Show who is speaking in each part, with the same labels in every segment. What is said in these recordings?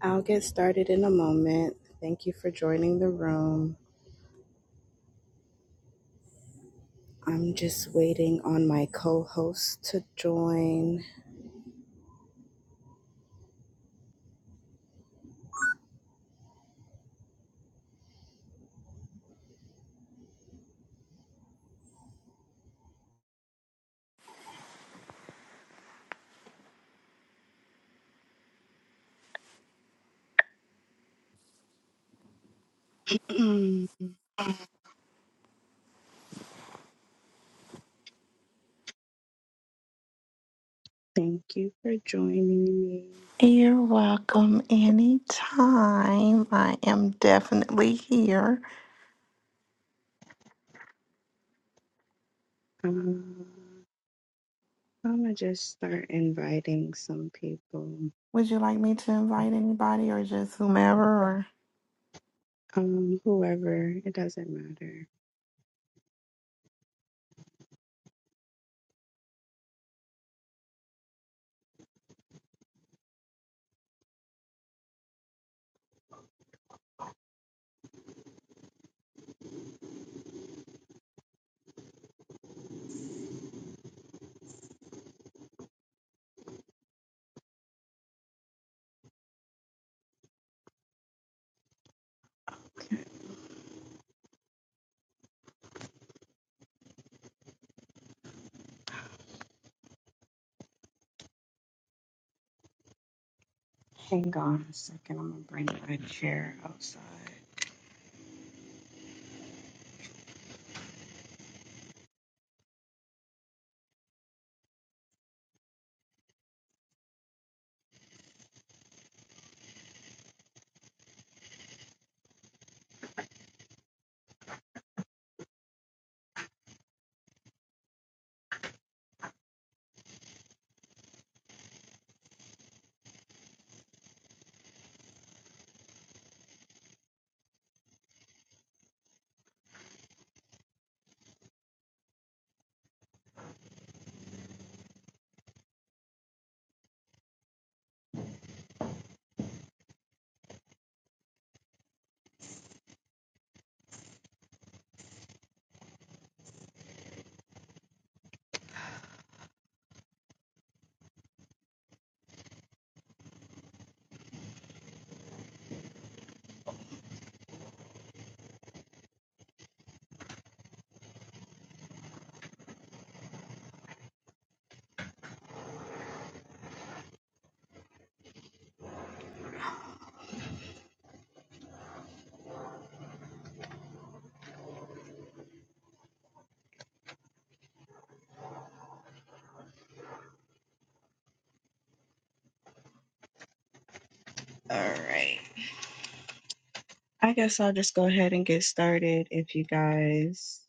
Speaker 1: I'll get started in a moment. Thank you for joining the room. I'm just waiting on my co host to join. Thank you for joining me.
Speaker 2: You're welcome anytime. I am definitely here.
Speaker 1: Um, I'm going to just start inviting some people.
Speaker 2: Would you like me to invite anybody or just whomever? Or
Speaker 1: Um, whoever, it doesn't matter. Hang on a second. I'm going to bring my chair outside. All right. I guess I'll just go ahead and get started if you guys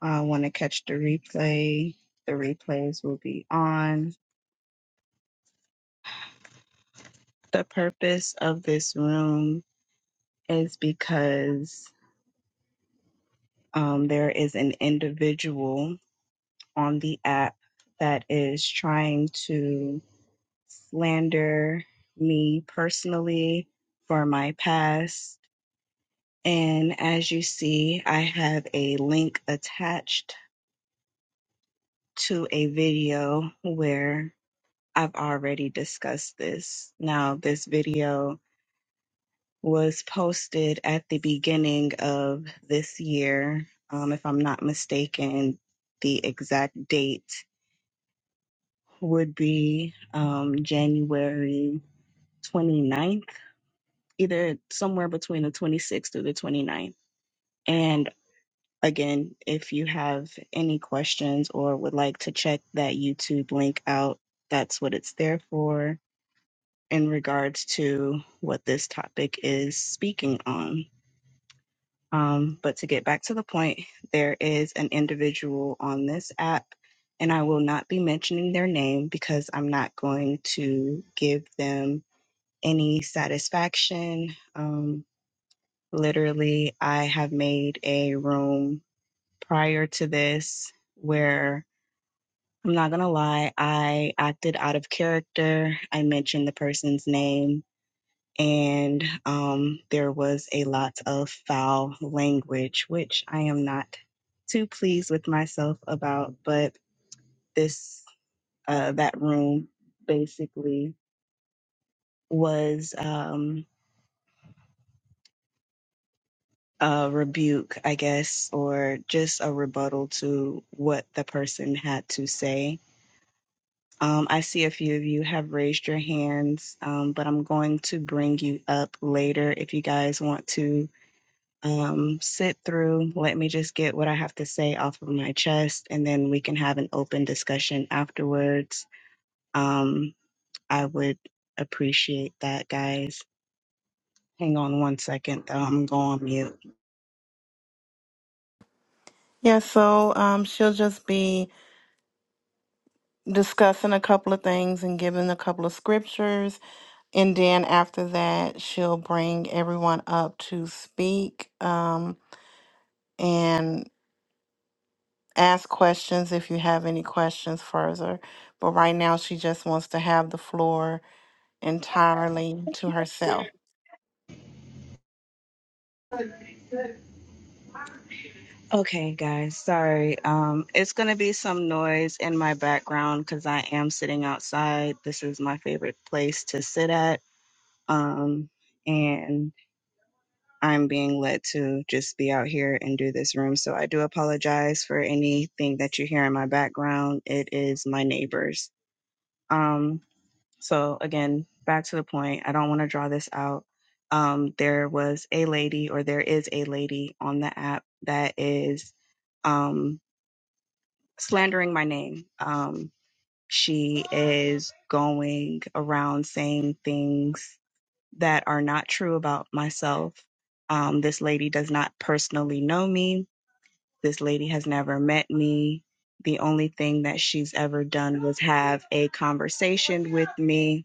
Speaker 1: I want to catch the replay. The replays will be on. The purpose of this room is because um, there is an individual on the app that is trying to slander me personally for my past. And as you see, I have a link attached to a video where I've already discussed this. Now, this video was posted at the beginning of this year. Um, if I'm not mistaken, the exact date would be um, January 29th, either somewhere between the 26th or the 29th. And again, if you have any questions or would like to check that YouTube link out, that's what it's there for in regards to what this topic is speaking on. Um, but to get back to the point, there is an individual on this app, and I will not be mentioning their name because I'm not going to give them any satisfaction. Um, literally, I have made a room prior to this where I'm not going to lie, I acted out of character. I mentioned the person's name and um, there was a lot of foul language, which I am not too pleased with myself about. But this uh, that room basically was um, a rebuke, I guess, or just a rebuttal to what the person had to say. Um, I see a few of you have raised your hands, um, but I'm going to bring you up later if you guys want to um, sit through. Let me just get what I have to say off of my chest, and then we can have an open discussion afterwards. Um, I would appreciate that, guys. Hang on one second, though. I'm going on mute.
Speaker 2: yeah, so um, she'll just be discussing a couple of things and giving a couple of scriptures, and then after that, she'll bring everyone up to speak um, and ask questions if you have any questions further. But right now, she just wants to have the floor entirely to herself.
Speaker 1: Okay, guys. Sorry. Um, it's gonna be some noise in my background because I am sitting outside. This is my favorite place to sit at. Um, and I'm being led to just be out here and do this room. So I do apologize for anything that you hear in my background. It is my neighbors. Um, so again, back to the point, I don't want to draw this out. Um, there was a lady, or there is a lady on the app that is um, slandering my name. Um, she is going around saying things that are not true about myself. Um, this lady does not personally know me. This lady has never met me. The only thing that she's ever done was have a conversation with me.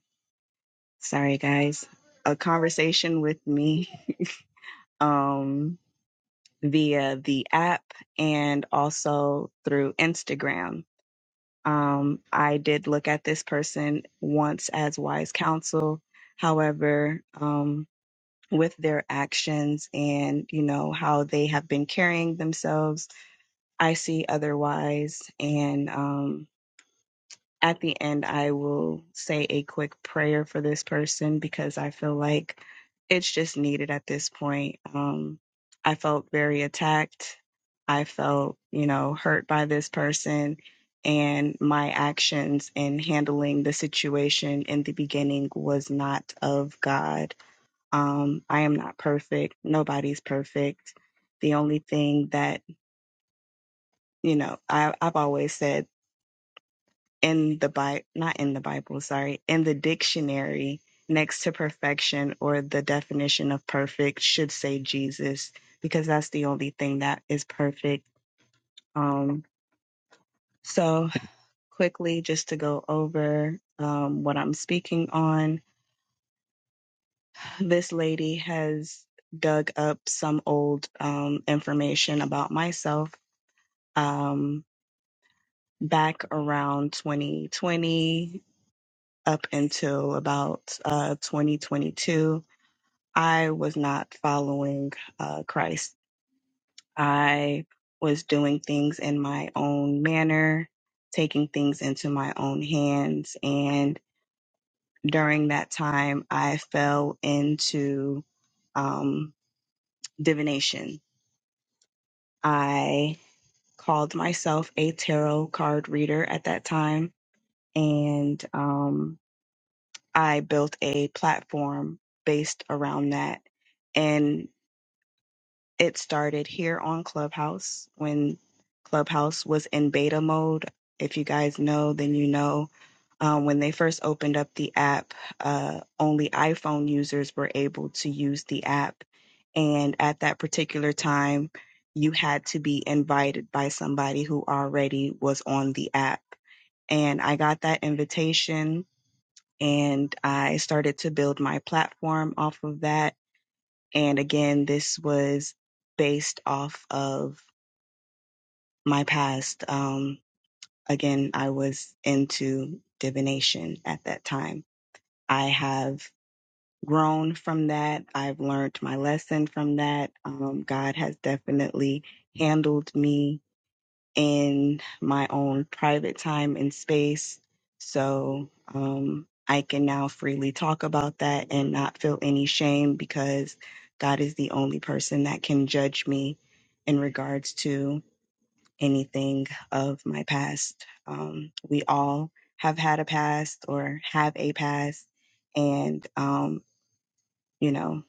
Speaker 1: Sorry, guys. A conversation with me um, via the app and also through Instagram. Um, I did look at this person once as wise counsel. However, um, with their actions and you know how they have been carrying themselves i see otherwise and um at the end i will say a quick prayer for this person because i feel like it's just needed at this point um i felt very attacked i felt you know hurt by this person and my actions in handling the situation in the beginning was not of god um, I am not perfect. Nobody's perfect. The only thing that, you know, I, I've always said in the Bible, not in the Bible, sorry, in the dictionary next to perfection or the definition of perfect should say Jesus, because that's the only thing that is perfect. Um, so, quickly, just to go over um, what I'm speaking on, this lady has dug up some old um, information about myself um, back around 2020 up until about uh, 2022. I was not following uh, Christ. I was doing things in my own manner, taking things into my own hands. And during that time, I fell into um, divination. I called myself a tarot card reader at that time. And um, I built a platform based around that. And it started here on Clubhouse when Clubhouse was in beta mode. If you guys know, then you know. Um, when they first opened up the app, uh, only iPhone users were able to use the app. And at that particular time, you had to be invited by somebody who already was on the app. And I got that invitation and I started to build my platform off of that. And again, this was based off of my past. Um, again, I was into divination at that time. I have grown from that. I've learned my lesson from that. Um, God has definitely handled me in my own private time and space. So um, I can now freely talk about that and not feel any shame because God is the only person that can judge me in regards to anything of my past. Um, we all have had a past or have a past. And, um, you know,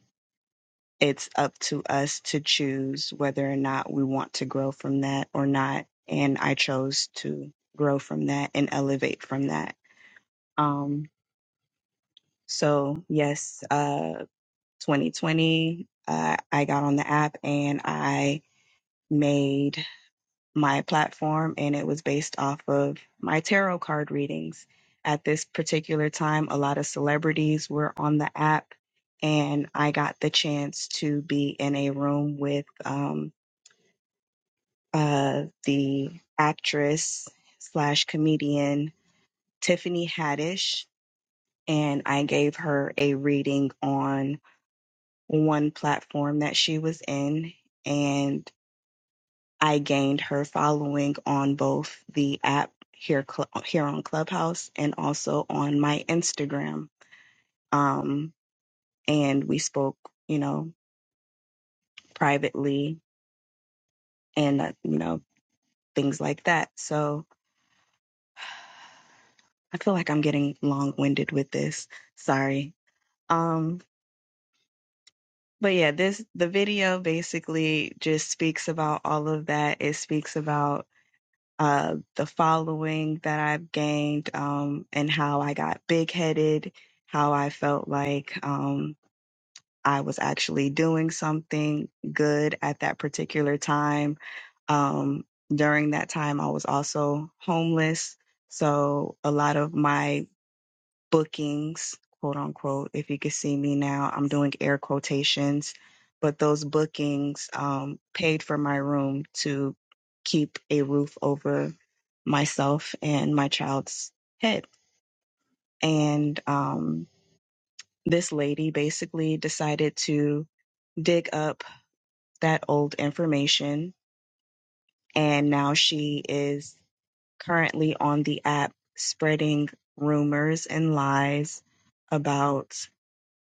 Speaker 1: it's up to us to choose whether or not we want to grow from that or not. And I chose to grow from that and elevate from that. Um, so, yes, uh, 2020, uh, I got on the app and I made my platform, and it was based off of my tarot card readings. At this particular time, a lot of celebrities were on the app, and I got the chance to be in a room with. um. uh, the actress slash comedian Tiffany Haddish, and I gave her a reading on one platform that she was in, and I gained her following on both the app here cl- here on Clubhouse and also on my Instagram. Um, and we spoke, you know, privately and uh, you know things like that. So I feel like I'm getting long winded with this. Sorry. Um, but yeah, this the video basically just speaks about all of that. It speaks about uh the following that I've gained, um, and how I got big headed, how I felt like um I was actually doing something good at that particular time. Um, during that time, I was also homeless. So a lot of my bookings, quote unquote. If you could see me now, I'm doing air quotations, but those bookings um, paid for my room to keep a roof over myself and my child's head. And um, this lady basically decided to dig up that old information. And now she is currently on the app spreading rumors and lies about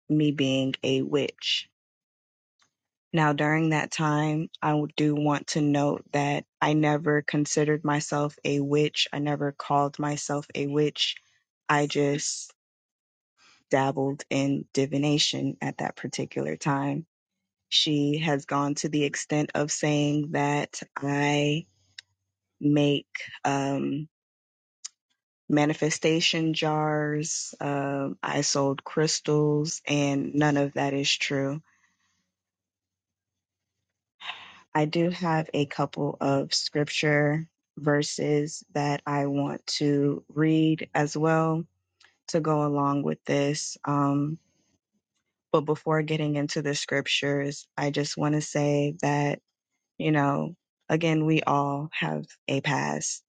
Speaker 1: me being a witch. Now, during that time, I do want to note that I never considered myself a witch. I never called myself a witch. I just dabbled in divination at that particular time. She has gone to the extent of saying that I make um, manifestation jars, um, I sold crystals, and none of that is true I do have a couple of scripture verses that I want to read as well to go along with this. Um, but before getting into the scriptures, I just want to say that, you know, again, we all have a past.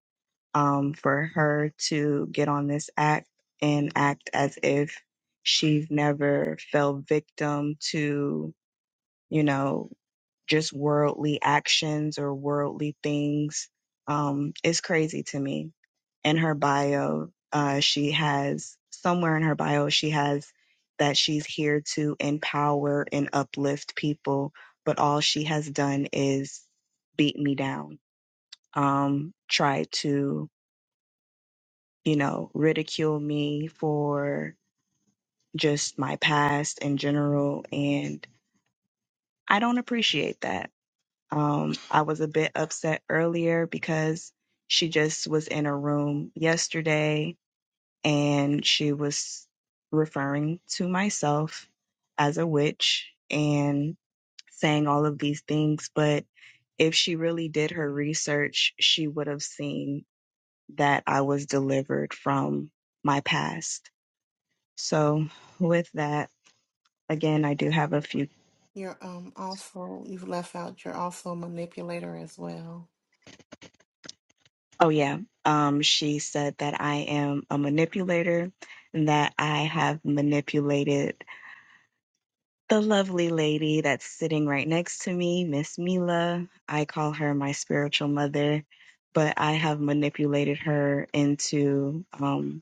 Speaker 1: Um, for her to get on this act and act as if she's never fell victim to, you know, just worldly actions or worldly things um, is crazy to me. In her bio, uh, she has somewhere in her bio, she has that she's here to empower and uplift people, but all she has done is beat me down, um, try to, you know, ridicule me for just my past in general. And I don't appreciate that. Um, I was a bit upset earlier because she just was in a room yesterday and she was referring to myself as a witch and saying all of these things. But if she really did her research, she would have seen that I was delivered from my past. So, with that, again, I do have a few.
Speaker 2: You're um also you've left out you're also a manipulator as well.
Speaker 1: Oh, yeah. Um, she said that I am a manipulator and that I have manipulated the lovely lady that's sitting right next to me, Miss Mila. I call her my spiritual mother, but I have manipulated her into, um,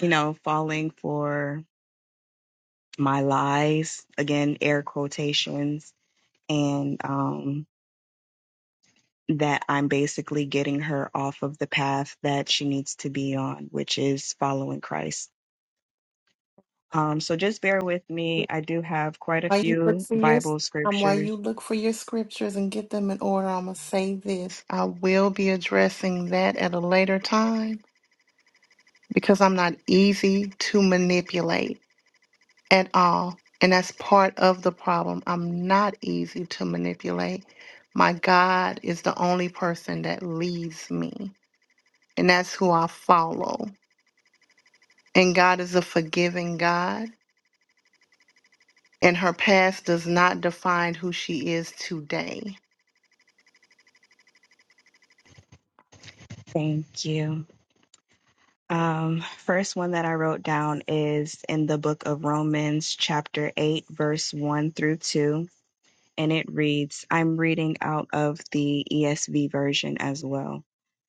Speaker 1: you know, falling for my lies, again, air quotations, and um, that I'm basically getting her off of the path that she needs to be on, which is following Christ. Um, so just bear with me. I do have quite a
Speaker 2: While you look
Speaker 1: few
Speaker 2: for your
Speaker 1: Bible
Speaker 2: um while
Speaker 1: scriptures.
Speaker 2: you look for your scriptures and get them in order, I'm gonna say this. I will be addressing that at a later time because I'm not easy to manipulate at all. And that's part of the problem. I'm not easy to manipulate. My God is the only person that leads me, and that's who I follow. And God is a forgiving God and her past does not define who she is today.
Speaker 1: Thank you. Um, first one that I wrote down is in the book of Romans, chapter 8, verse 1 through 2. and it reads I'm reading out of the ESV version as well.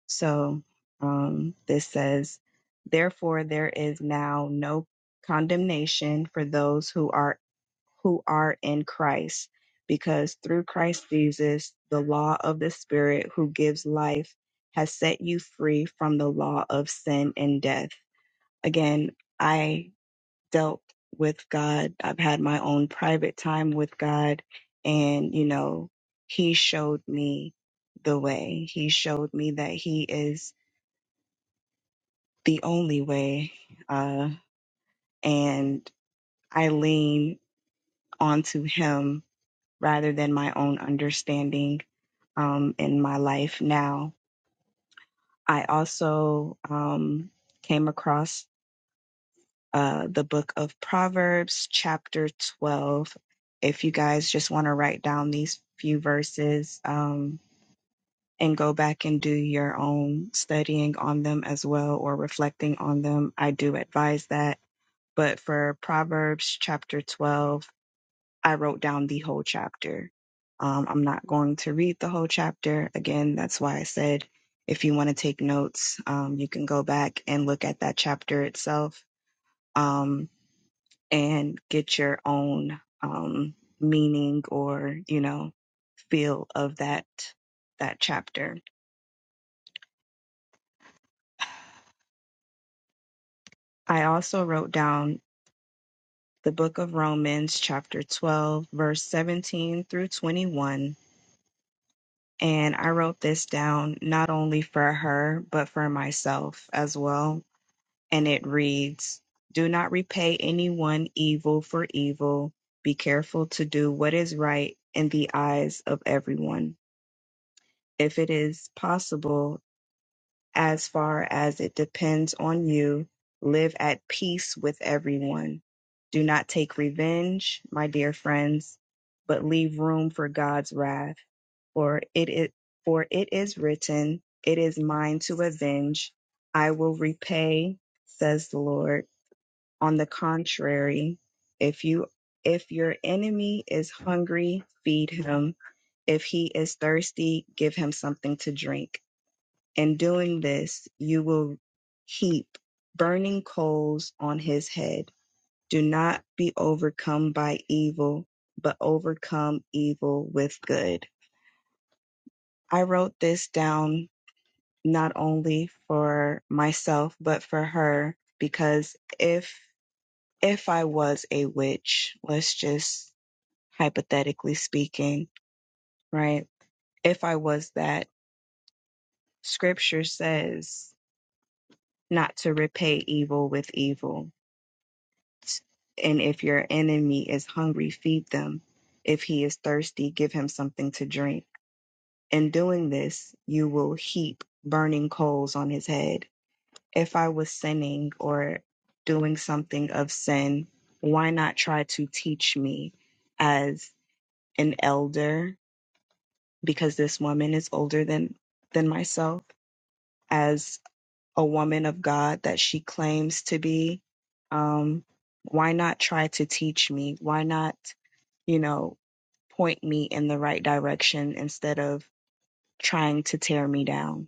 Speaker 1: So um, this says, Therefore, there is now no condemnation for those who are who are in Christ, because through Christ Jesus, the law of the Spirit who gives life has set you free from the law of sin and death. Again, I dealt with God. I've had my own private time with God. And, you know, He showed me the way. He showed me that He is the only way. Uh, and I lean onto Him rather than my own understanding um, in my life now. I also um, came across uh, the book of Proverbs, chapter 12. If you guys just want to write down these few verses um, and go back and do your own studying on them as well or reflecting on them, I do advise that. But for Proverbs, chapter 12, I wrote down the whole chapter. Um, I'm not going to read the whole chapter. Again, that's why I said if you want to take notes, um, you can go back and look at that chapter itself. Um, and get your own um, meaning or you know feel of that that chapter. I also wrote down the book of Romans chapter 12 verse 17 through 21 and I wrote this down not only for her but for myself as well and it reads do not repay anyone evil for evil be careful to do what is right in the eyes of everyone if it is possible as far as it depends on you, live at peace with everyone. Do not take revenge, my dear friends, but leave room for God's wrath. For it is, for it is written, It is mine to avenge. I will repay, says the Lord. On the contrary, if you if your enemy is hungry, feed him. If he is thirsty, give him something to drink in doing this, you will heap burning coals on his head. Do not be overcome by evil, but overcome evil with good. I wrote this down not only for myself, but for her, because if if I was a witch, let's just hypothetically speaking, right? If I was that, scripture says not to repay evil with evil And if your enemy is hungry, feed them. If he is thirsty, give him something to drink. In doing this, you will heap burning coals on his head. If I was sinning or doing something of sin, why not try to teach me as an elder? Because this woman is older than, than myself. as. a woman of God that she claims to be, um, why not try to teach me? Why not, you know, point me in the right direction instead of trying to tear me down?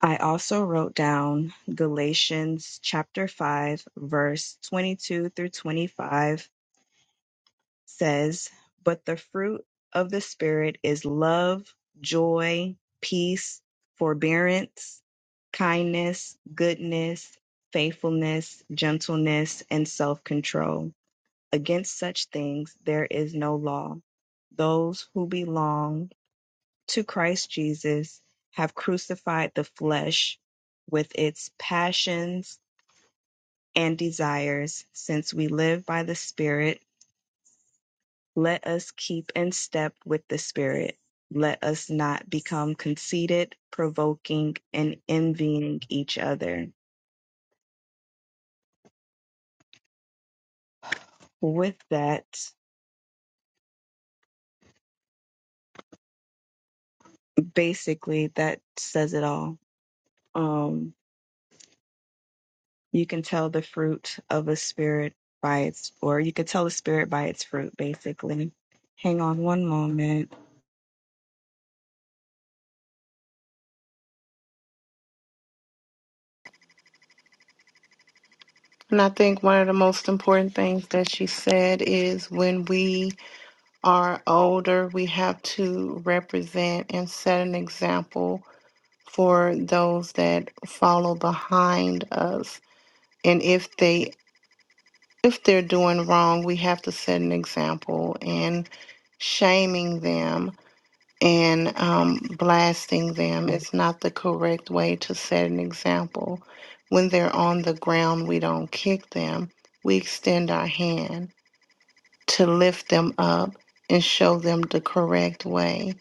Speaker 1: I also wrote down Galatians chapter 5, verse 22 through 25 says, But the fruit of the Spirit is love, joy, peace, forbearance, kindness, goodness, faithfulness, gentleness, and self control. Against such things there is no law. Those who belong to Christ Jesus have crucified the flesh with its passions and desires, since we live by the Spirit Let us keep in step with the Spirit. Let us not become conceited, provoking, and envying each other. With that, basically, that says it all. Um, you can tell the fruit of a spirit by its, or you can tell the spirit by its fruit, basically. Hang on one moment.
Speaker 2: And I think one of the most important things that she said is when we are older, we have to represent and set an example for those that follow behind us. And if they if they're doing wrong, we have to set an example and shaming them and um, blasting them is not the correct way to set an example. When they're on the ground, we don't kick them, we extend our hand to lift them up and show them the correct way.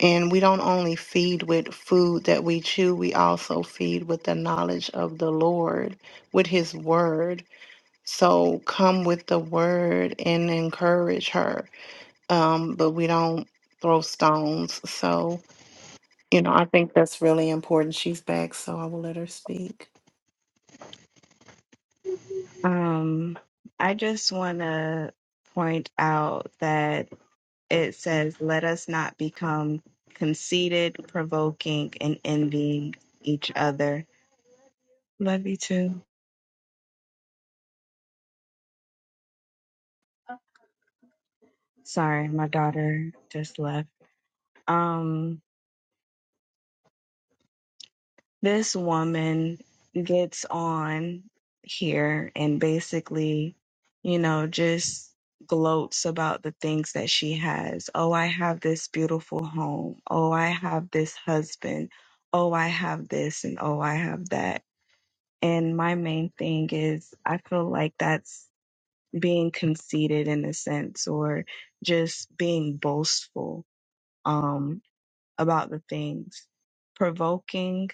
Speaker 2: And we don't only feed with food that we chew, we also feed with the knowledge of the Lord, with His word. So come with the word and encourage her. Um, but we don't throw stones. So you know, I think that's really important. She's back, so I will let her speak.
Speaker 1: Um, I just want to point out that it says, Let us not become conceited, provoking, and envying each other. Love you too. Sorry, my daughter just left. Um, this woman gets on here and basically, you know, just gloats about the things that she has. Oh, I have this beautiful home. Oh, I have this husband. Oh, I have this and oh, I have that And my main thing is, I feel like that's being conceited in a sense, or just being boastful um, about the things. Provoking,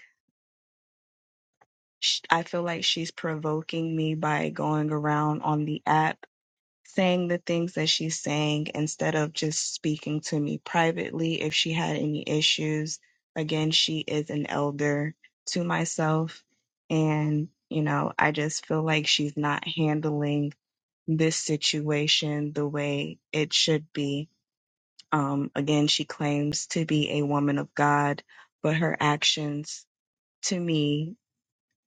Speaker 1: sh- I feel like she's provoking me by going around on the app saying the things that she's saying instead of just speaking to me privately if she had any issues. Again, she is an elder to myself. And, you know, I just feel like she's not handling this situation the way it should be. Um, again, she claims to be a woman of God, but her actions to me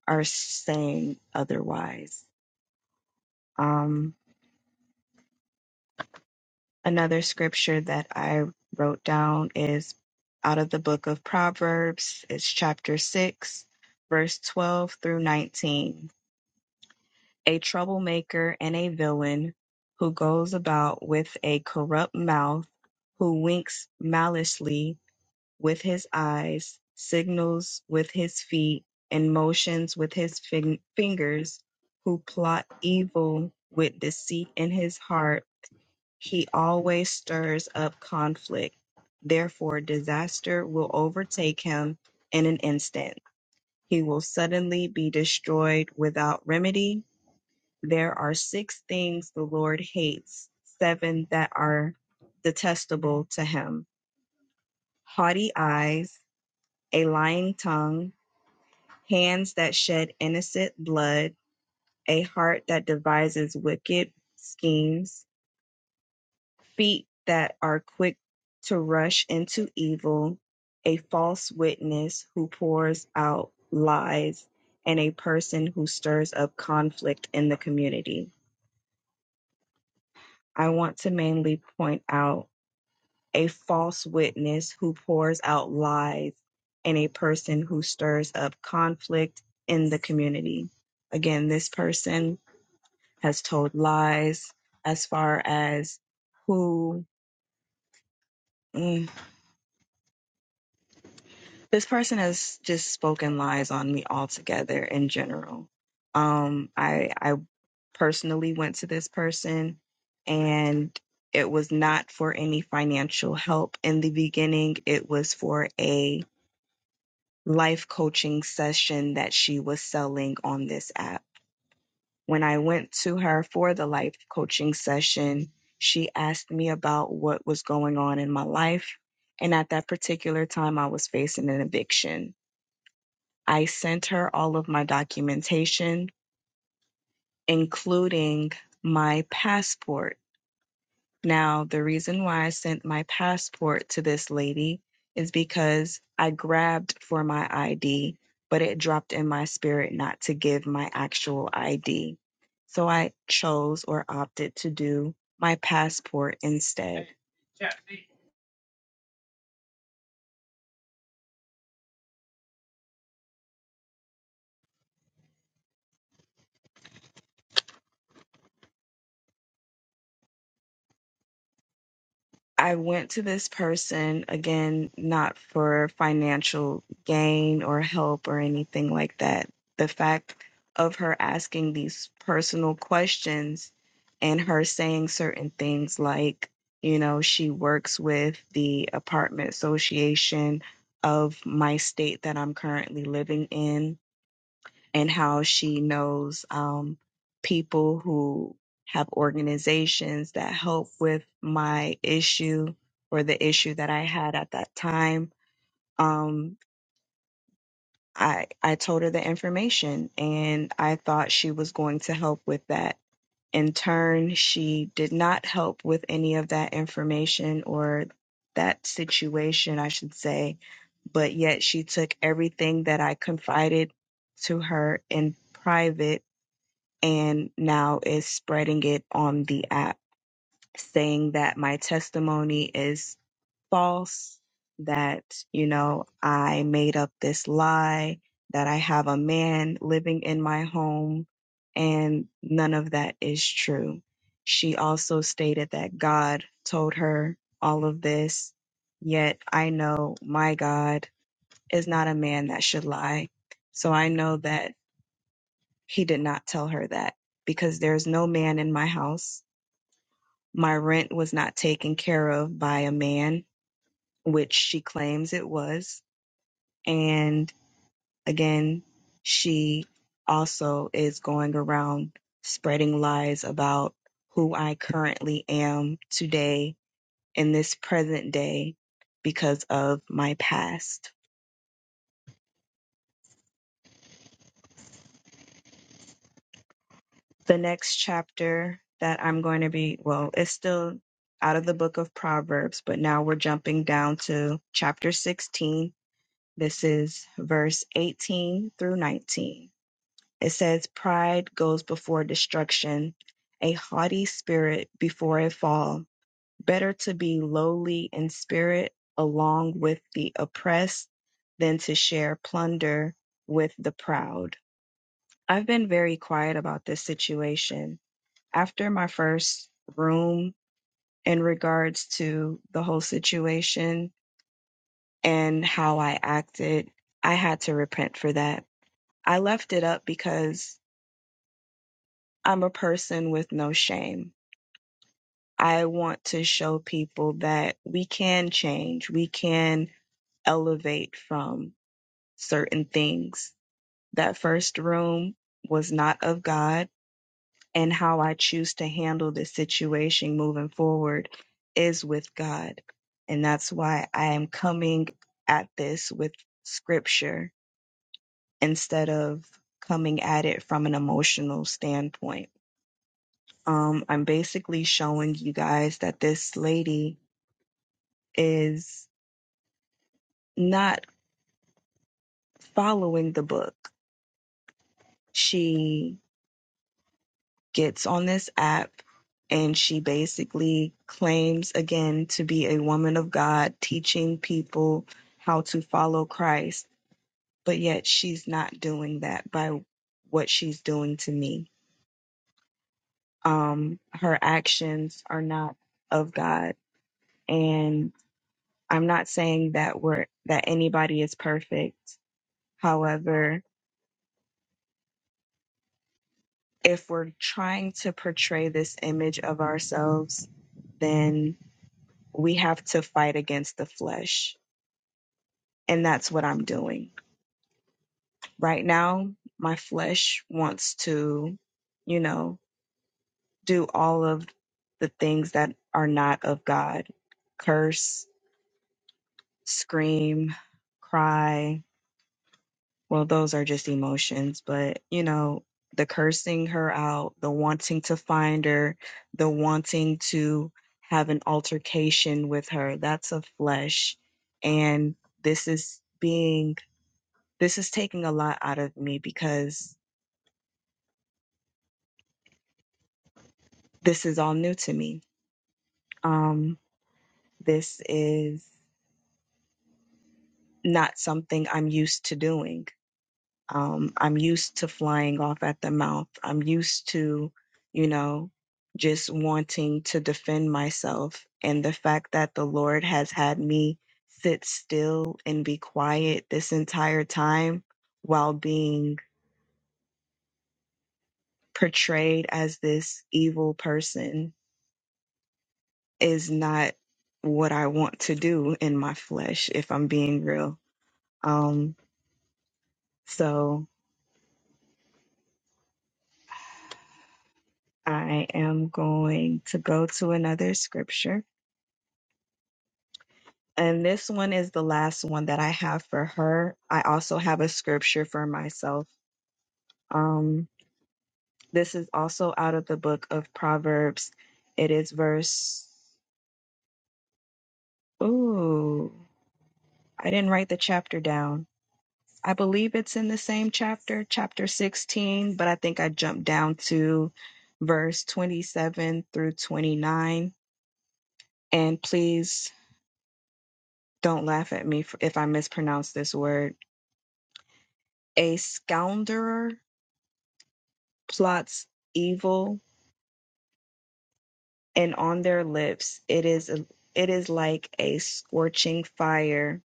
Speaker 1: are saying otherwise. Um, Another scripture that I wrote down is out of the book of Proverbs. It's chapter 6, verse 12 through 19. A troublemaker and a villain who goes about with a corrupt mouth, who winks maliciously with his eyes, signals with his feet, and motions with his fin- fingers, who plot evil with deceit in his heart he always stirs up conflict. Therefore, disaster will overtake him in an instant. He will suddenly be destroyed without remedy. There are six things the Lord hates, seven that are detestable to him haughty eyes, a lying tongue, hands that shed innocent blood, a heart that devises wicked schemes feet that are quick to rush into evil, a false witness who pours out lies, and a person who stirs up conflict in the community. I want to mainly point out a false witness who pours out lies and a person who stirs up conflict in the community. Again, this person has told lies as far as who. mm, this person has just spoken lies on me altogether in general. Um, I I personally went to this person, and it was not for any financial help in the beginning. It was for a life coaching session that she was selling on this app. When I went to her for the life coaching session, she asked me about what was going on in my life. And at that particular time, I was facing an eviction I sent her all of my documentation, including my passport. Now, the reason why I sent my passport to this lady is because I grabbed for my ID, but it dropped in my spirit not to give my actual ID. So I chose or opted to do my passport instead. I went to this person again, not for financial gain or help or anything like that. The fact of her asking these personal questions and her saying certain things like, you know, she works with the apartment association of my state that I'm currently living in and how she knows um, people who have organizations that help with my issue or the issue that I had at that time. Um, I I told her the information, and I thought she was going to help with that. In turn, she did not help with any of that information or that situation, I should say. But yet, she took everything that I confided to her in private and now is spreading it on the app, saying that my testimony is false, that, you know, I made up this lie, that I have a man living in my home, and none of that is true. She also stated that God told her all of this, yet I know my God is not a man that should lie. So I know that he did not tell her that because there is no man in my house. My rent was not taken care of by a man, which she claims it was. And again, she also is going around spreading lies about who I currently am today in this present day because of my past. the next chapter that I'm going to be, well, it's still out of the book of Proverbs, but now we're jumping down to chapter 16. This is verse 18 through 19. It says, Pride goes before destruction, a haughty spirit before a fall. Better to be lowly in spirit along with the oppressed than to share plunder with the proud. I've been very quiet about this situation after my first room in regards to the whole situation and how I acted, I had to repent for that. I left it up because I'm a person with no shame. I want to show people that we can change, we can elevate from certain things. That first room was not of God and how I choose to handle this situation moving forward is with God. And that's why I am coming at this with scripture instead of coming at it from an emotional standpoint. Um, I'm basically showing you guys that this lady is not following the book. She gets on this app and she basically claims again to be a woman of God teaching people how to follow Christ, but yet she's not doing that by what she's doing to me. Um, her actions are not of God. And I'm not saying that we're that anybody is perfect. However, if we're trying to portray this image of ourselves, then. we have to fight against the flesh. And that's what I'm doing. Right now, my flesh wants to, you know, do all of the things that are not of God curse, scream, cry. Well, those are just emotions, but, you know, the cursing her out, the wanting to find her, the wanting to have an altercation with her, that's a flesh. And this is being this is taking a lot out of me because this is all new to me. Um, this is not something I'm used to doing. Um, I'm used to flying off at the mouth. I'm used to, you know, just wanting to defend myself. And the fact that the Lord has had me sit still and be quiet this entire time while being portrayed as this evil person is not what I want to do in my flesh, if I'm being real. Um, so I am going to go to another scripture. And this one is the last one that I have for her. I also have a scripture for myself. Um, this is also out of the book of Proverbs. It is verse, ooh, I didn't write the chapter down I believe it's in the same chapter, chapter 16, but I think I jumped down to verse 27 through 29. And please don't laugh at me f- if I mispronounce this word. A scoundrel plots evil, and on their lips it is it is like a scorching fire.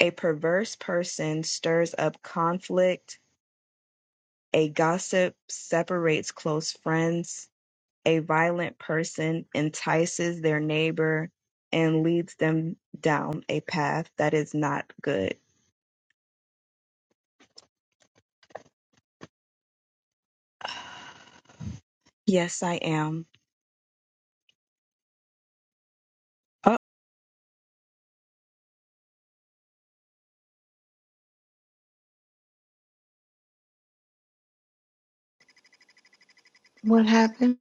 Speaker 1: A perverse person stirs up conflict. A gossip separates close friends A violent person entices their neighbor and leads them down a path that is not good. Yes, I am. Oh,
Speaker 2: What happened?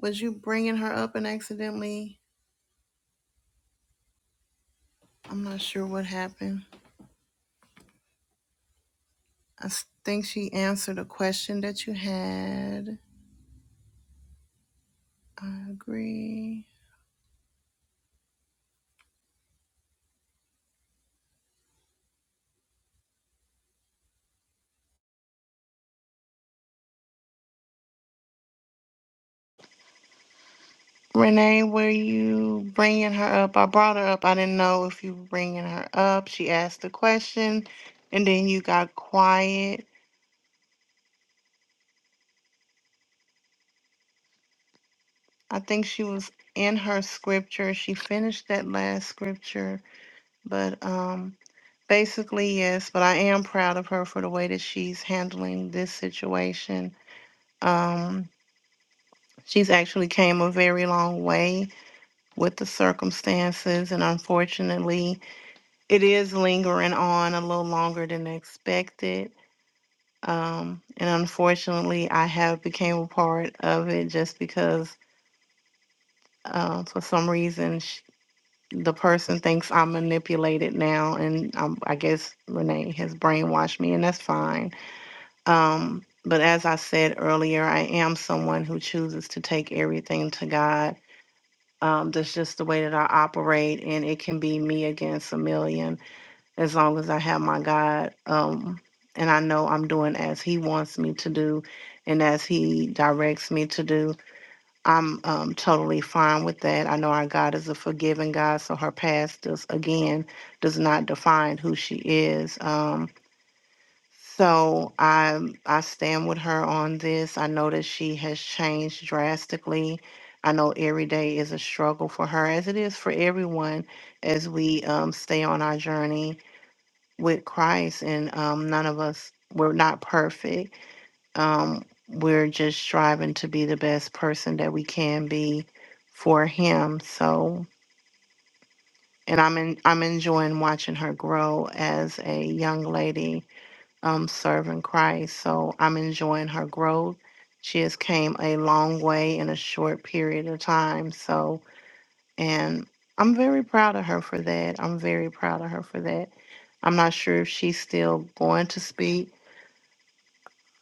Speaker 2: Was you bringing her up and accidentally? I'm not sure what happened. I s- think she answered a question that you had. I agree. Renee, were you bringing her up? I brought her up. I didn't know if you were bringing her up. She asked a question and then you got quiet. I think she was in her scripture. She finished that last scripture, but um Basically, yes, but I am proud of her for the way that she's handling this situation. Um, she's actually came a very long way with the circumstances, and unfortunately, it is lingering on a little longer than expected. Um, and unfortunately, I have became a part of it just because, uh, for some reason, sh the person thinks I'm manipulated now, and um, I guess Renee has brainwashed me, and that's fine Um, but as I said earlier, I am someone who chooses to take everything to God. Um, that's just the way that I operate, and it can be me against a million as long as I have my God. Um, and I know I'm doing as He wants me to do and as He directs me to do. I'm um, totally fine with that. I know our God is a forgiving God, so her past does, again does not define who she is. Um, so I I stand with her on this. I know that she has changed drastically. I know every day is a struggle for her, as it is for everyone, as we um, stay on our journey with Christ. And um, none of us we're not perfect. Um, we're just striving to be the best person that we can be for Him. So, and I'm in, I'm enjoying watching her grow as a young lady um, serving Christ. So I'm enjoying her growth. She has came a long way in a short period of time. So, and I'm very proud of her for that. I'm very proud of her for that. I'm not sure if she's still going to speak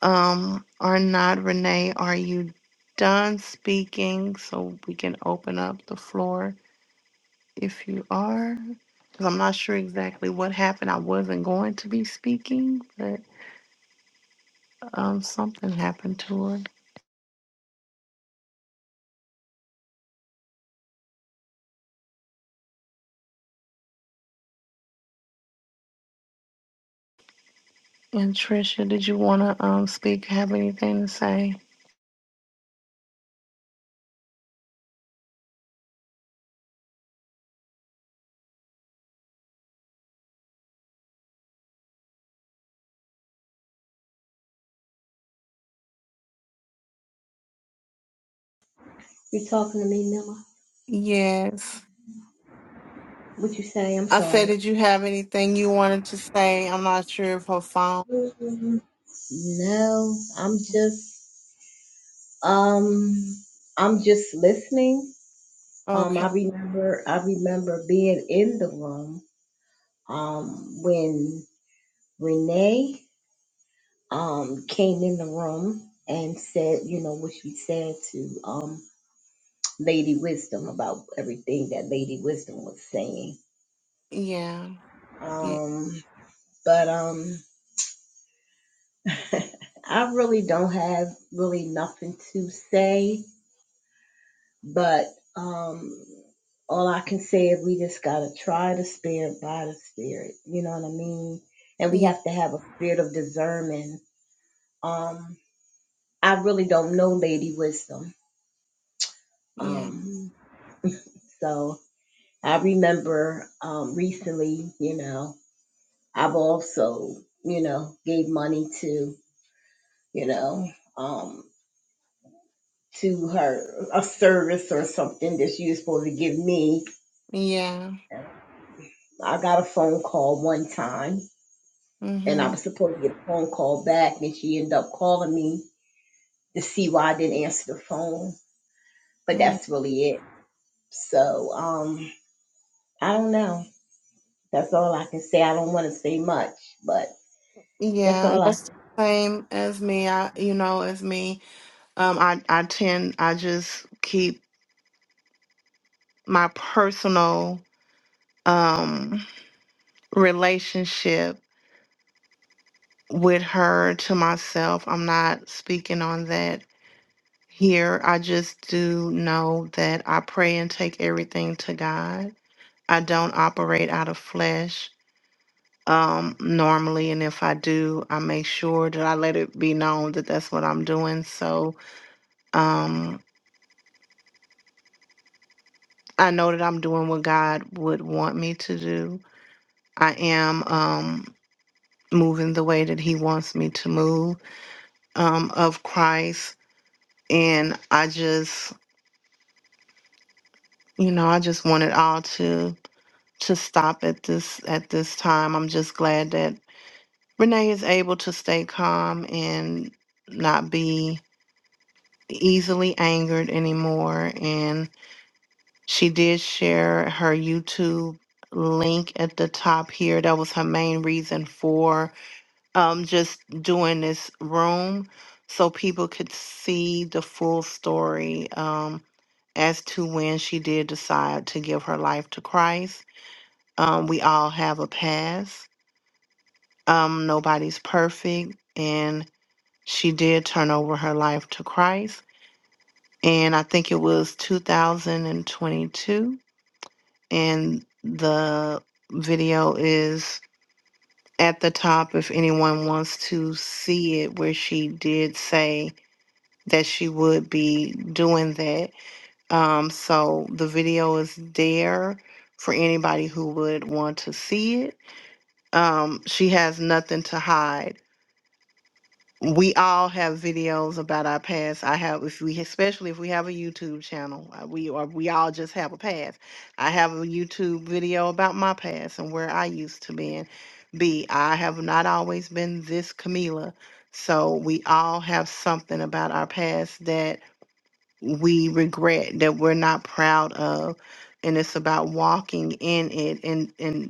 Speaker 2: um, or not. Renee, are you done speaking? So we can open up the floor if you are. Because I'm not sure exactly what happened. I wasn't going to be speaking, but um, something happened to her. And Trisha, did you want to um speak? Have anything to say?
Speaker 3: You talking to me, Miller?
Speaker 2: Yes.
Speaker 3: What you say? I'm
Speaker 2: I said,
Speaker 3: sorry.
Speaker 2: did you have anything you wanted to say? I'm not sure if her phone.
Speaker 3: Mm-hmm. No, I'm just um I'm just listening. Um
Speaker 2: Okay.
Speaker 3: I remember I remember being in the room um when Renee um came in the room and said, you know, what she said to um Lady Wisdom about everything that Lady Wisdom was saying.
Speaker 2: Yeah. Yeah.
Speaker 3: Um but um I really don't have really nothing to say, but um, all I can say is we just gotta try the spirit by the spirit. You know what I mean? And we
Speaker 2: Yeah.
Speaker 3: have to have a spirit of discernment. Um, I really don't know Lady Wisdom.
Speaker 2: Yeah.
Speaker 3: Um, so I remember um recently, you know, I've also, you know, gave money to, you know, um, to her a service or something that she was supposed to give me.
Speaker 2: Yeah.
Speaker 3: I got a phone call one time and I
Speaker 2: Mm-hmm.
Speaker 3: was supposed to get a phone call back and she ended up calling me to see why I didn't answer the phone. But
Speaker 2: mm
Speaker 3: that's really it. So, um, I don't know. That's all I can say. I don't want to say much, but that's
Speaker 2: Yeah. And
Speaker 3: all I
Speaker 2: that's the same as me. I, you know, as me. Um, I, I tend, I just keep my personal, um, relationship with her to myself. I'm not speaking on that here. I just do know that I pray and take everything to God. I don't operate out of flesh um, normally, and if I do, I make sure that I let it be known that that's what I'm doing. So um, I know that I'm doing what God would want me to do. I am um, moving the way that He wants me to move um, of Christ, and I just, you know, I just want it all to to stop at this at this time. I'm just glad that Renee is able to stay calm and not be easily angered anymore. And she did share her YouTube link at the top here. That was her main reason for um just doing this room so people could see the full story um as to when she did decide to give her life to Christ. Um, we all have a past um, nobody's perfect. And she did turn over her life to Christ. And I think it was 2022. And the video is at the top if anyone wants to see it, where she did say that she would be doing that. Um, so the video is there for anybody who would want to see it. Um, she has nothing to hide we all have videos about our past. I have, if we, especially if we have a YouTube channel, uh, we or we all just have a past. I have a YouTube video about my past and where I used to be. And be I have not always been this Camila, so we all have something about our past that we regret that we're not proud of, and it's about walking in it and and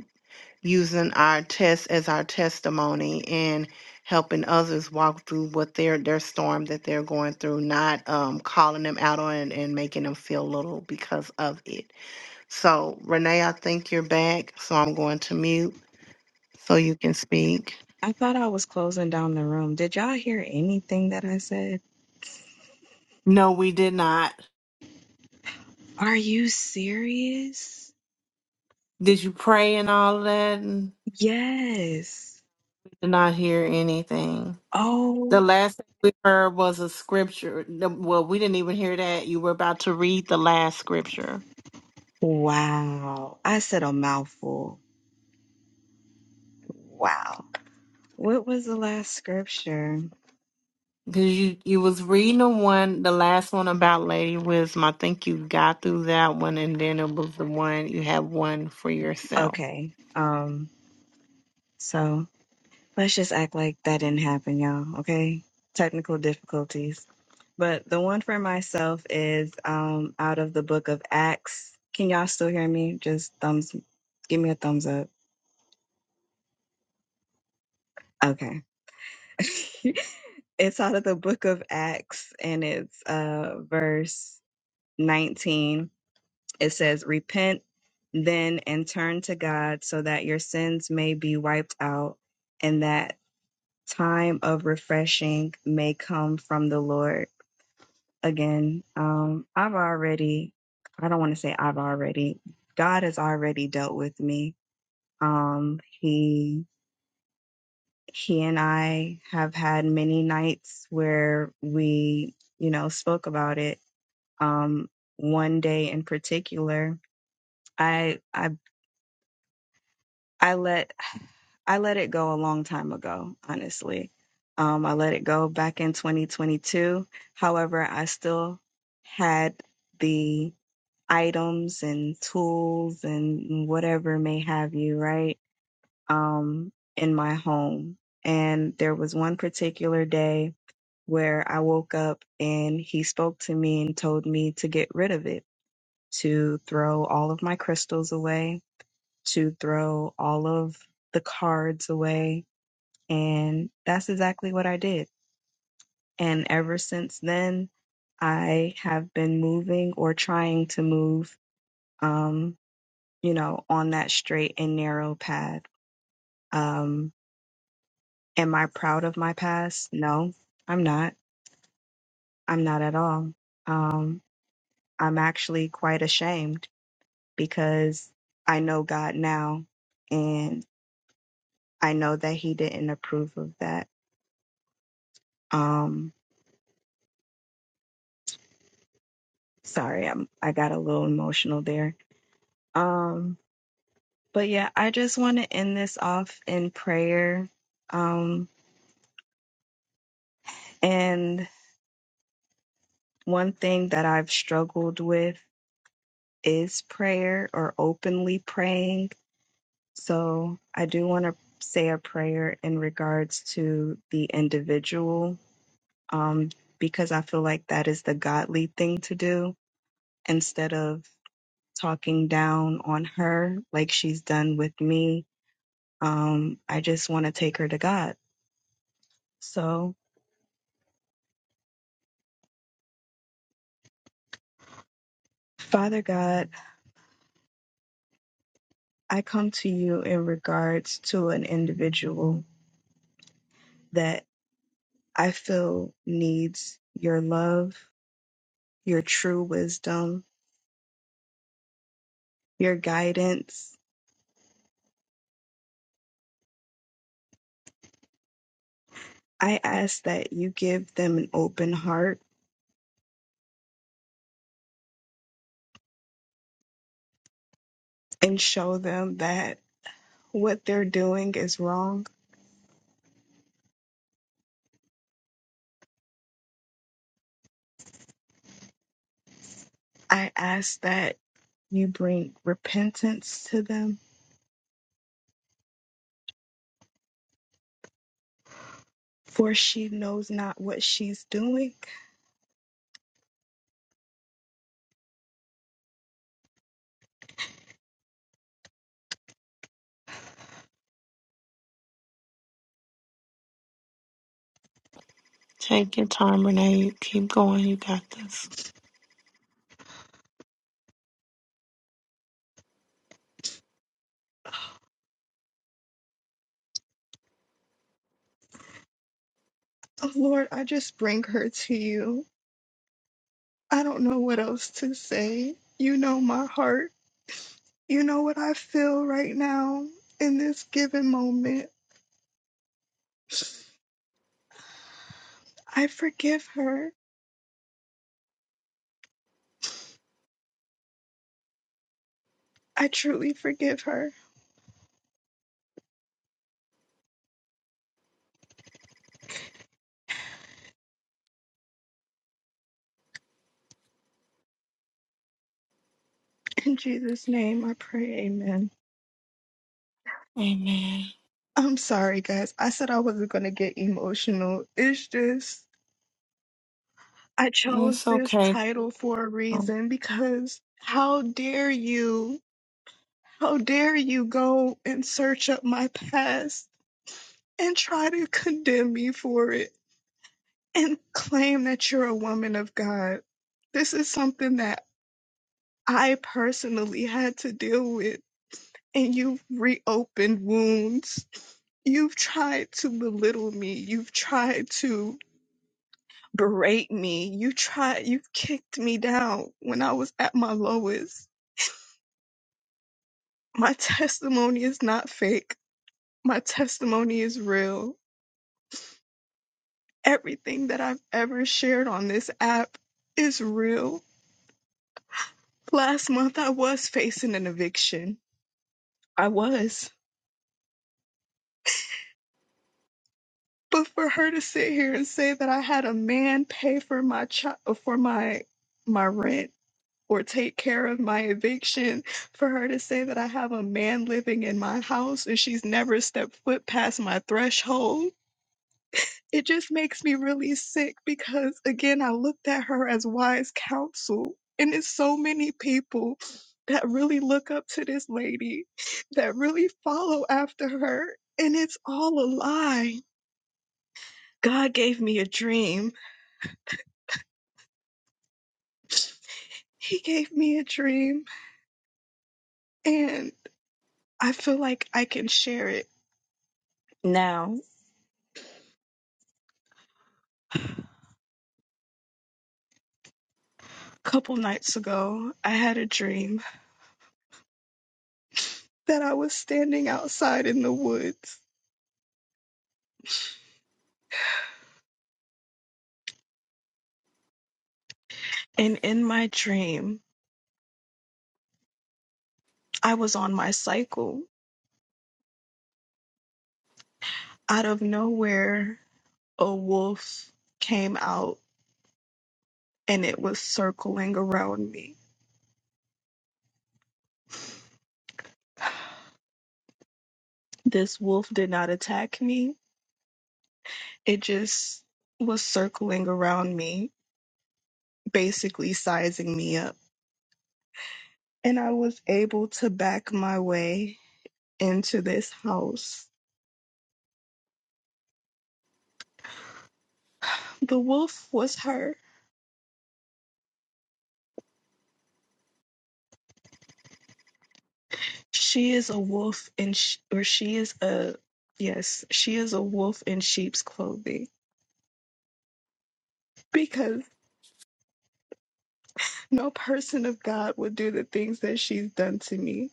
Speaker 2: using our test as our testimony and helping others walk through what their their storm that they're going through not um, calling them out on it and making them feel little because of it so renee i think you're back so i'm going to mute so you can speak
Speaker 1: I thought I was closing down the room. Did y'all hear anything that I said?
Speaker 2: no we did not
Speaker 1: Are you serious?
Speaker 2: did you pray and all of that and
Speaker 1: Yes.
Speaker 2: did not hear anything the
Speaker 1: Oh,
Speaker 2: last thing we heard was a scripture No, well we didn't even hear that you were about to read the last scripture
Speaker 1: wow. I said a mouthful. Wow. What was the last scripture?
Speaker 2: Because you, you was reading the one, the last one about Lady Wisdom. I think you got through that one, and then it was the one you have one for yourself.
Speaker 1: Okay. Um, so Let's just act like that didn't happen, y'all, okay? Technical difficulties. But the one for myself is um, out of the book of Acts. Can y'all still hear me? Just thumbs, give me a thumbs up. Okay. it's out of the book of Acts and it's uh, verse 19. It says, Repent then and turn to God so that your sins may be wiped out and that time of refreshing may come from the Lord again. Um, I've already, I don't want to say I've already, God has already dealt with me. Um, he, he and I have had many nights where we, you know, spoke about it. Um, one day in particular, I, I, I let, I let it go a long time ago, honestly. Um, I let it go back in 2022. However, I still had the items and tools and whatever may have you, right? Um, in my home. And there was one particular day where I woke up and he spoke to me and told me to get rid of it, to throw all of my crystals away, to throw all of the cards away. And that's exactly what I did. And ever since then, I have been moving or trying to move. Um, you know, on that straight and narrow path. Um, am I proud of my past? No, I'm not. I'm not at all. Um, I'm actually quite ashamed because I know God now and I know that He didn't approve of that. Um, sorry, I'm, I got a little emotional there. Um, but yeah, I just want to end this off in prayer. Um, and one thing that I've struggled with is prayer or openly praying. So I do want to say a prayer in regards to the individual um, because I feel like that is the godly thing to do instead of talking down on her like she's done with me. Um, I just want to take her to God. So, Father God, I come to you in regards to an individual that I feel needs your love your true wisdom, your guidance. I ask that you give them an open heart and show them that what they're doing is wrong. I ask that you bring repentance to them, for she knows not what she's doing.
Speaker 2: Take your time, Renee. You keep going. You got this.
Speaker 1: Oh, Lord, I just bring her to you. I don't know what else to say. You know my heart. You know what I feel right now in this given moment. I forgive her. I truly forgive her. In Jesus' name, I pray. Amen.
Speaker 2: Amen.
Speaker 1: I'm sorry, guys. I said I wasn't going to get emotional. It's just, I chose
Speaker 2: It's
Speaker 1: this
Speaker 2: okay.
Speaker 1: title for a reason because how dare you, how dare you go and search up my past and try to condemn me for it and claim that you're a woman of God. This is something that I personally had to deal with and you've reopened wounds. You've tried to belittle me. You've tried to berate me. You tried, you've kicked me down when I was at my lowest. My testimony is not fake. My testimony is real. Everything that I've ever shared on this app is real. Last month I was facing an eviction. I was. But for her to sit here and say that I had a man pay for my child, for my my rent or take care of my eviction for her to say that I have a man living in my house and she's never stepped foot past my threshold. It just makes me really sick because, again, I looked at her as wise counsel. And it's so many people that really look up to this lady, that really follow after her. And it's all a lie. God gave me a dream. He gave me a dream. And I feel like I can share it now couple nights ago, I had a dream that I was standing outside in the woods. And in my dream, I was on my cycle. Out of nowhere, a wolf came out and it was circling around me. This wolf did not attack me, it just was circling around me, basically sizing me up. And I was able to back my way into this house. The wolf was her. She is a wolf in, sh- or she is a, yes, she is a wolf in sheep's clothing because no person of God would do the things that she's done to me.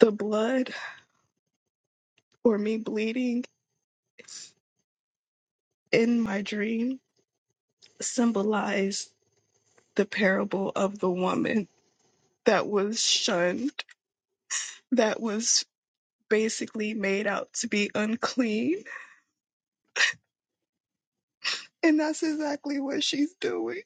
Speaker 1: The blood or me bleeding in my dream symbolized the parable of the woman that was shunned, that was basically made out to be unclean. And that's exactly what she's doing.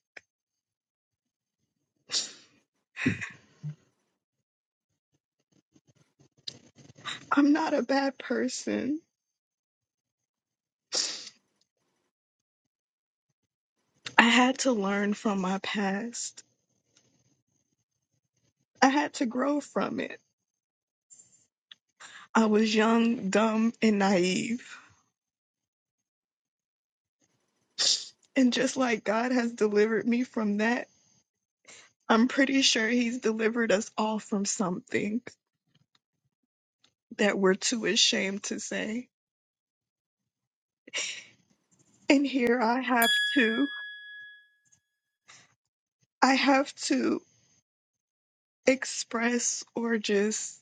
Speaker 1: I'm not a bad person. I had to learn from my past. I had to grow from it. I was young, dumb, and naive. And just like God has delivered me from that, I'm pretty sure He's delivered us all from something that we're too ashamed to say. And here I have to, I have to express or just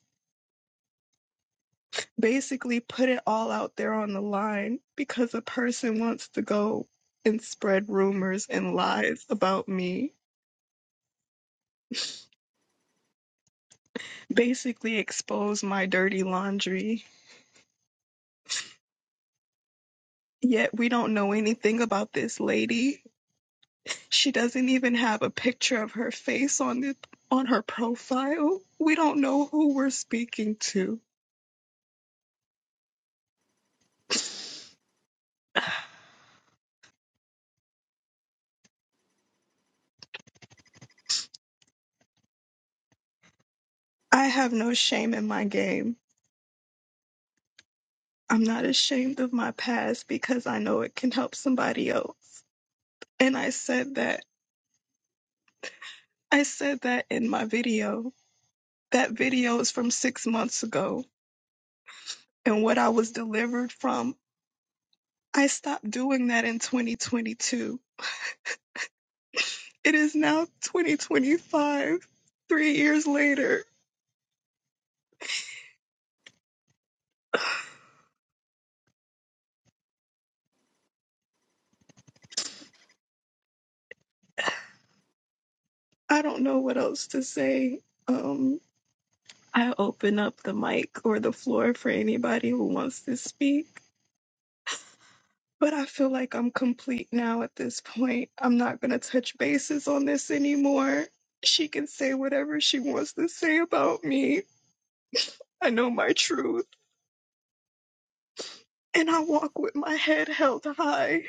Speaker 1: basically put it all out there on the line because a person wants to go and spread rumors and lies about me basically expose my dirty laundry. Yet we don't know anything about this lady. She doesn't even have a picture of her face on the on her profile. We don't know who we're speaking to. I have no shame in my game. I'm not ashamed of my past because I know it can help somebody else. And I said that I said that in my video. That video is from 6 months ago and what I was delivered from I stopped doing that in 2022. It is now 2025, three years later. I don't know what else to say. Um, I open up the mic or the floor for anybody who wants to speak, but I feel like I'm complete now at this point. I'm not going to touch bases on this anymore. She can say whatever she wants to say about me. I know my truth, and I walk with my head held high.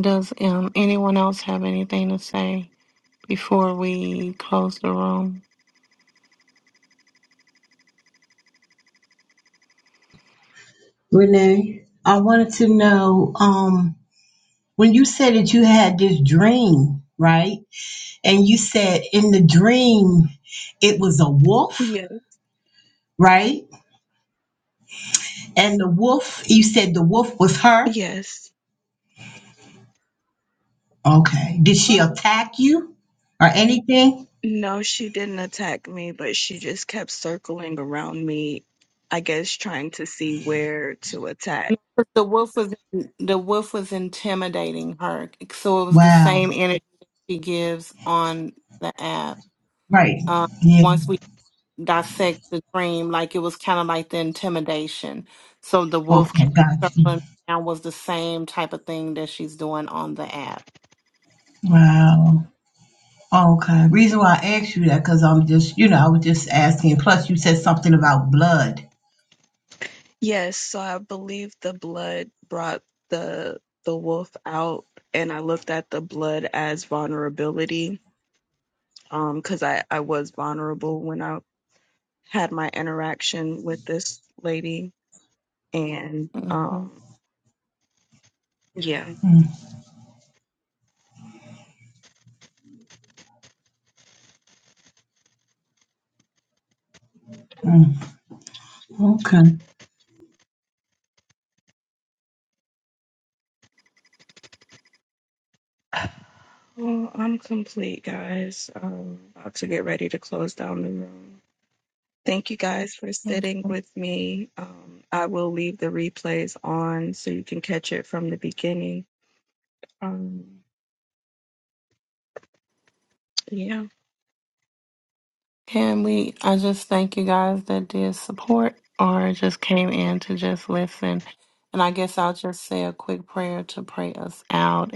Speaker 2: Does um, anyone else have anything to say before we close the room?
Speaker 3: Renee, I wanted to know um, when you said that you had this dream, right? And you said in the dream, it was a wolf,
Speaker 1: Yes,
Speaker 3: right? And the wolf, you said the wolf was her.
Speaker 1: yes.
Speaker 3: Okay. Did she attack you or anything?
Speaker 1: No, she didn't attack me, but she just kept circling around me, I guess trying to see where to attack.
Speaker 2: But The wolf was the wolf was intimidating her, so it was the
Speaker 3: Wow.
Speaker 2: same energy she gives on the app.
Speaker 3: Right.
Speaker 2: Um,
Speaker 3: Yeah.
Speaker 2: once we dissect the dream like it was kind of like the intimidation. So the wolf
Speaker 3: Okay.
Speaker 2: kind of
Speaker 3: Got you.
Speaker 2: circling around was the same type of thing that she's doing on the app.
Speaker 3: Wow. Okay. Reason why I asked you that, because I'm just, you know, I was just asking. Plus, you said something about blood.
Speaker 1: Yes, so I believe the blood brought the the wolf out, and I looked at the blood as vulnerability, um, because I I was vulnerable when I had my interaction with this lady, and
Speaker 2: hmm
Speaker 1: um, yeah.
Speaker 3: Mm, mm. Okay.
Speaker 1: Well, I'm complete, guys. Um, about to get ready to close down the room. Thank you guys for sitting
Speaker 2: Okay.
Speaker 1: with me. Um, I will leave the replays on so you can catch it from the beginning. Um, yeah,
Speaker 2: Can we? I just thank you guys that did support or just came in to just listen. And I guess I'll just say a quick prayer to pray us out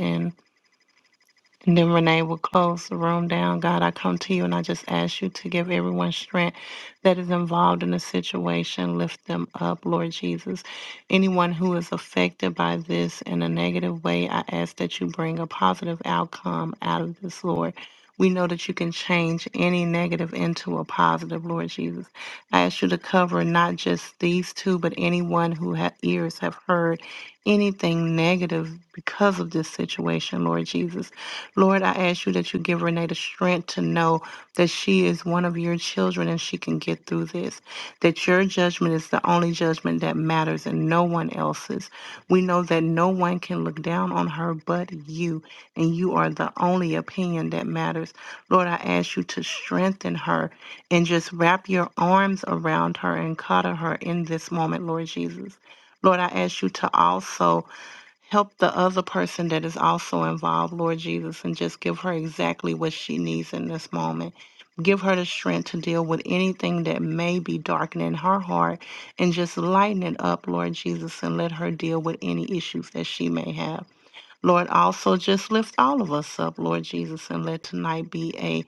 Speaker 2: And then Renee will close the room down. God, I come to you and I just ask you to give everyone strength that is involved in the situation. Lift them up, Lord Jesus. Anyone who is affected by this in a negative way, I ask that you bring a positive outcome out of this, Lord. We know that you can change any negative into a positive, Lord Jesus. I ask you to cover not just these two, but anyone who ha- ears have heard anything negative because of this situation, Lord Jesus. Lord, I ask you that you give Renee the strength to know that she is one of your children and she can get through this, that your judgment is the only judgment that matters and no one else's. We know that no one can look down on her but you, and you are the only opinion that matters. Lord, I ask you to strengthen her and just wrap your arms around her and cuddle her in this moment, Lord Jesus. Lord, I ask you to also Help the other person that is also involved, Lord Jesus, and just give her exactly what she needs in this moment. Give her the strength to deal with anything that may be darkening her heart and just lighten it up, Lord Jesus, and let her deal with any issues that she may have. Lord, also just lift all of us up, Lord Jesus, and let tonight be a.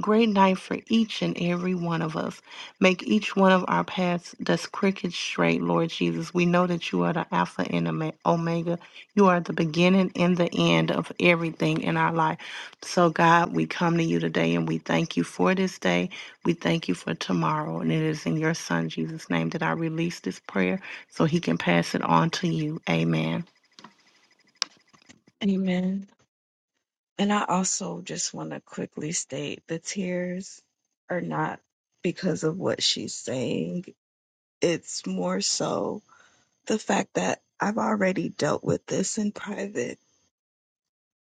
Speaker 2: Great night for each and every one of us. Make each one of our paths that's crooked straight, Lord Jesus. We know that you are the Alpha and Ome- Omega. You are the beginning and the end of everything in our life. So, God, we come to you today and we thank you for this day. We thank you for tomorrow. And it is in your Son, Jesus' name, that I release this prayer so he can pass it on to you. Amen.
Speaker 1: amen. And I also just want to quickly state the tears are not because of what she's saying, it's more so the fact that I've already dealt with this in private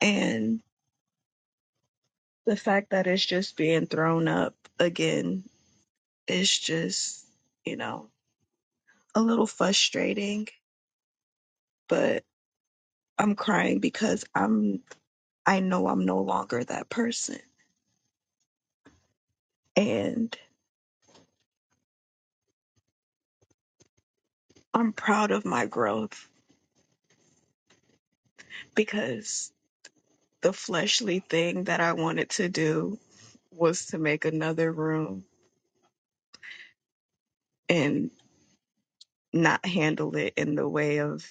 Speaker 1: and the fact that it's just being thrown up again is just, you know, a little frustrating but I'm crying because I'm I know I'm no longer that person and I'm proud of my growth because the fleshly thing that I wanted to do was to make another room and not handle it in the way of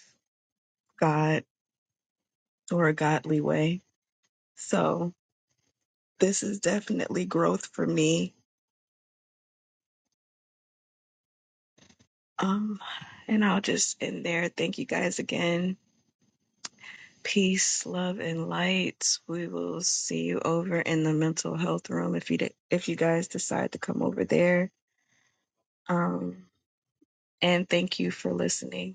Speaker 1: God or a godly way. So this is definitely growth for me. Um and I'll just end there. Thank you guys again peace, love, and light. We will see you over in the mental health room if you de- if you guys decide to come over there. Um, and thank you for listening.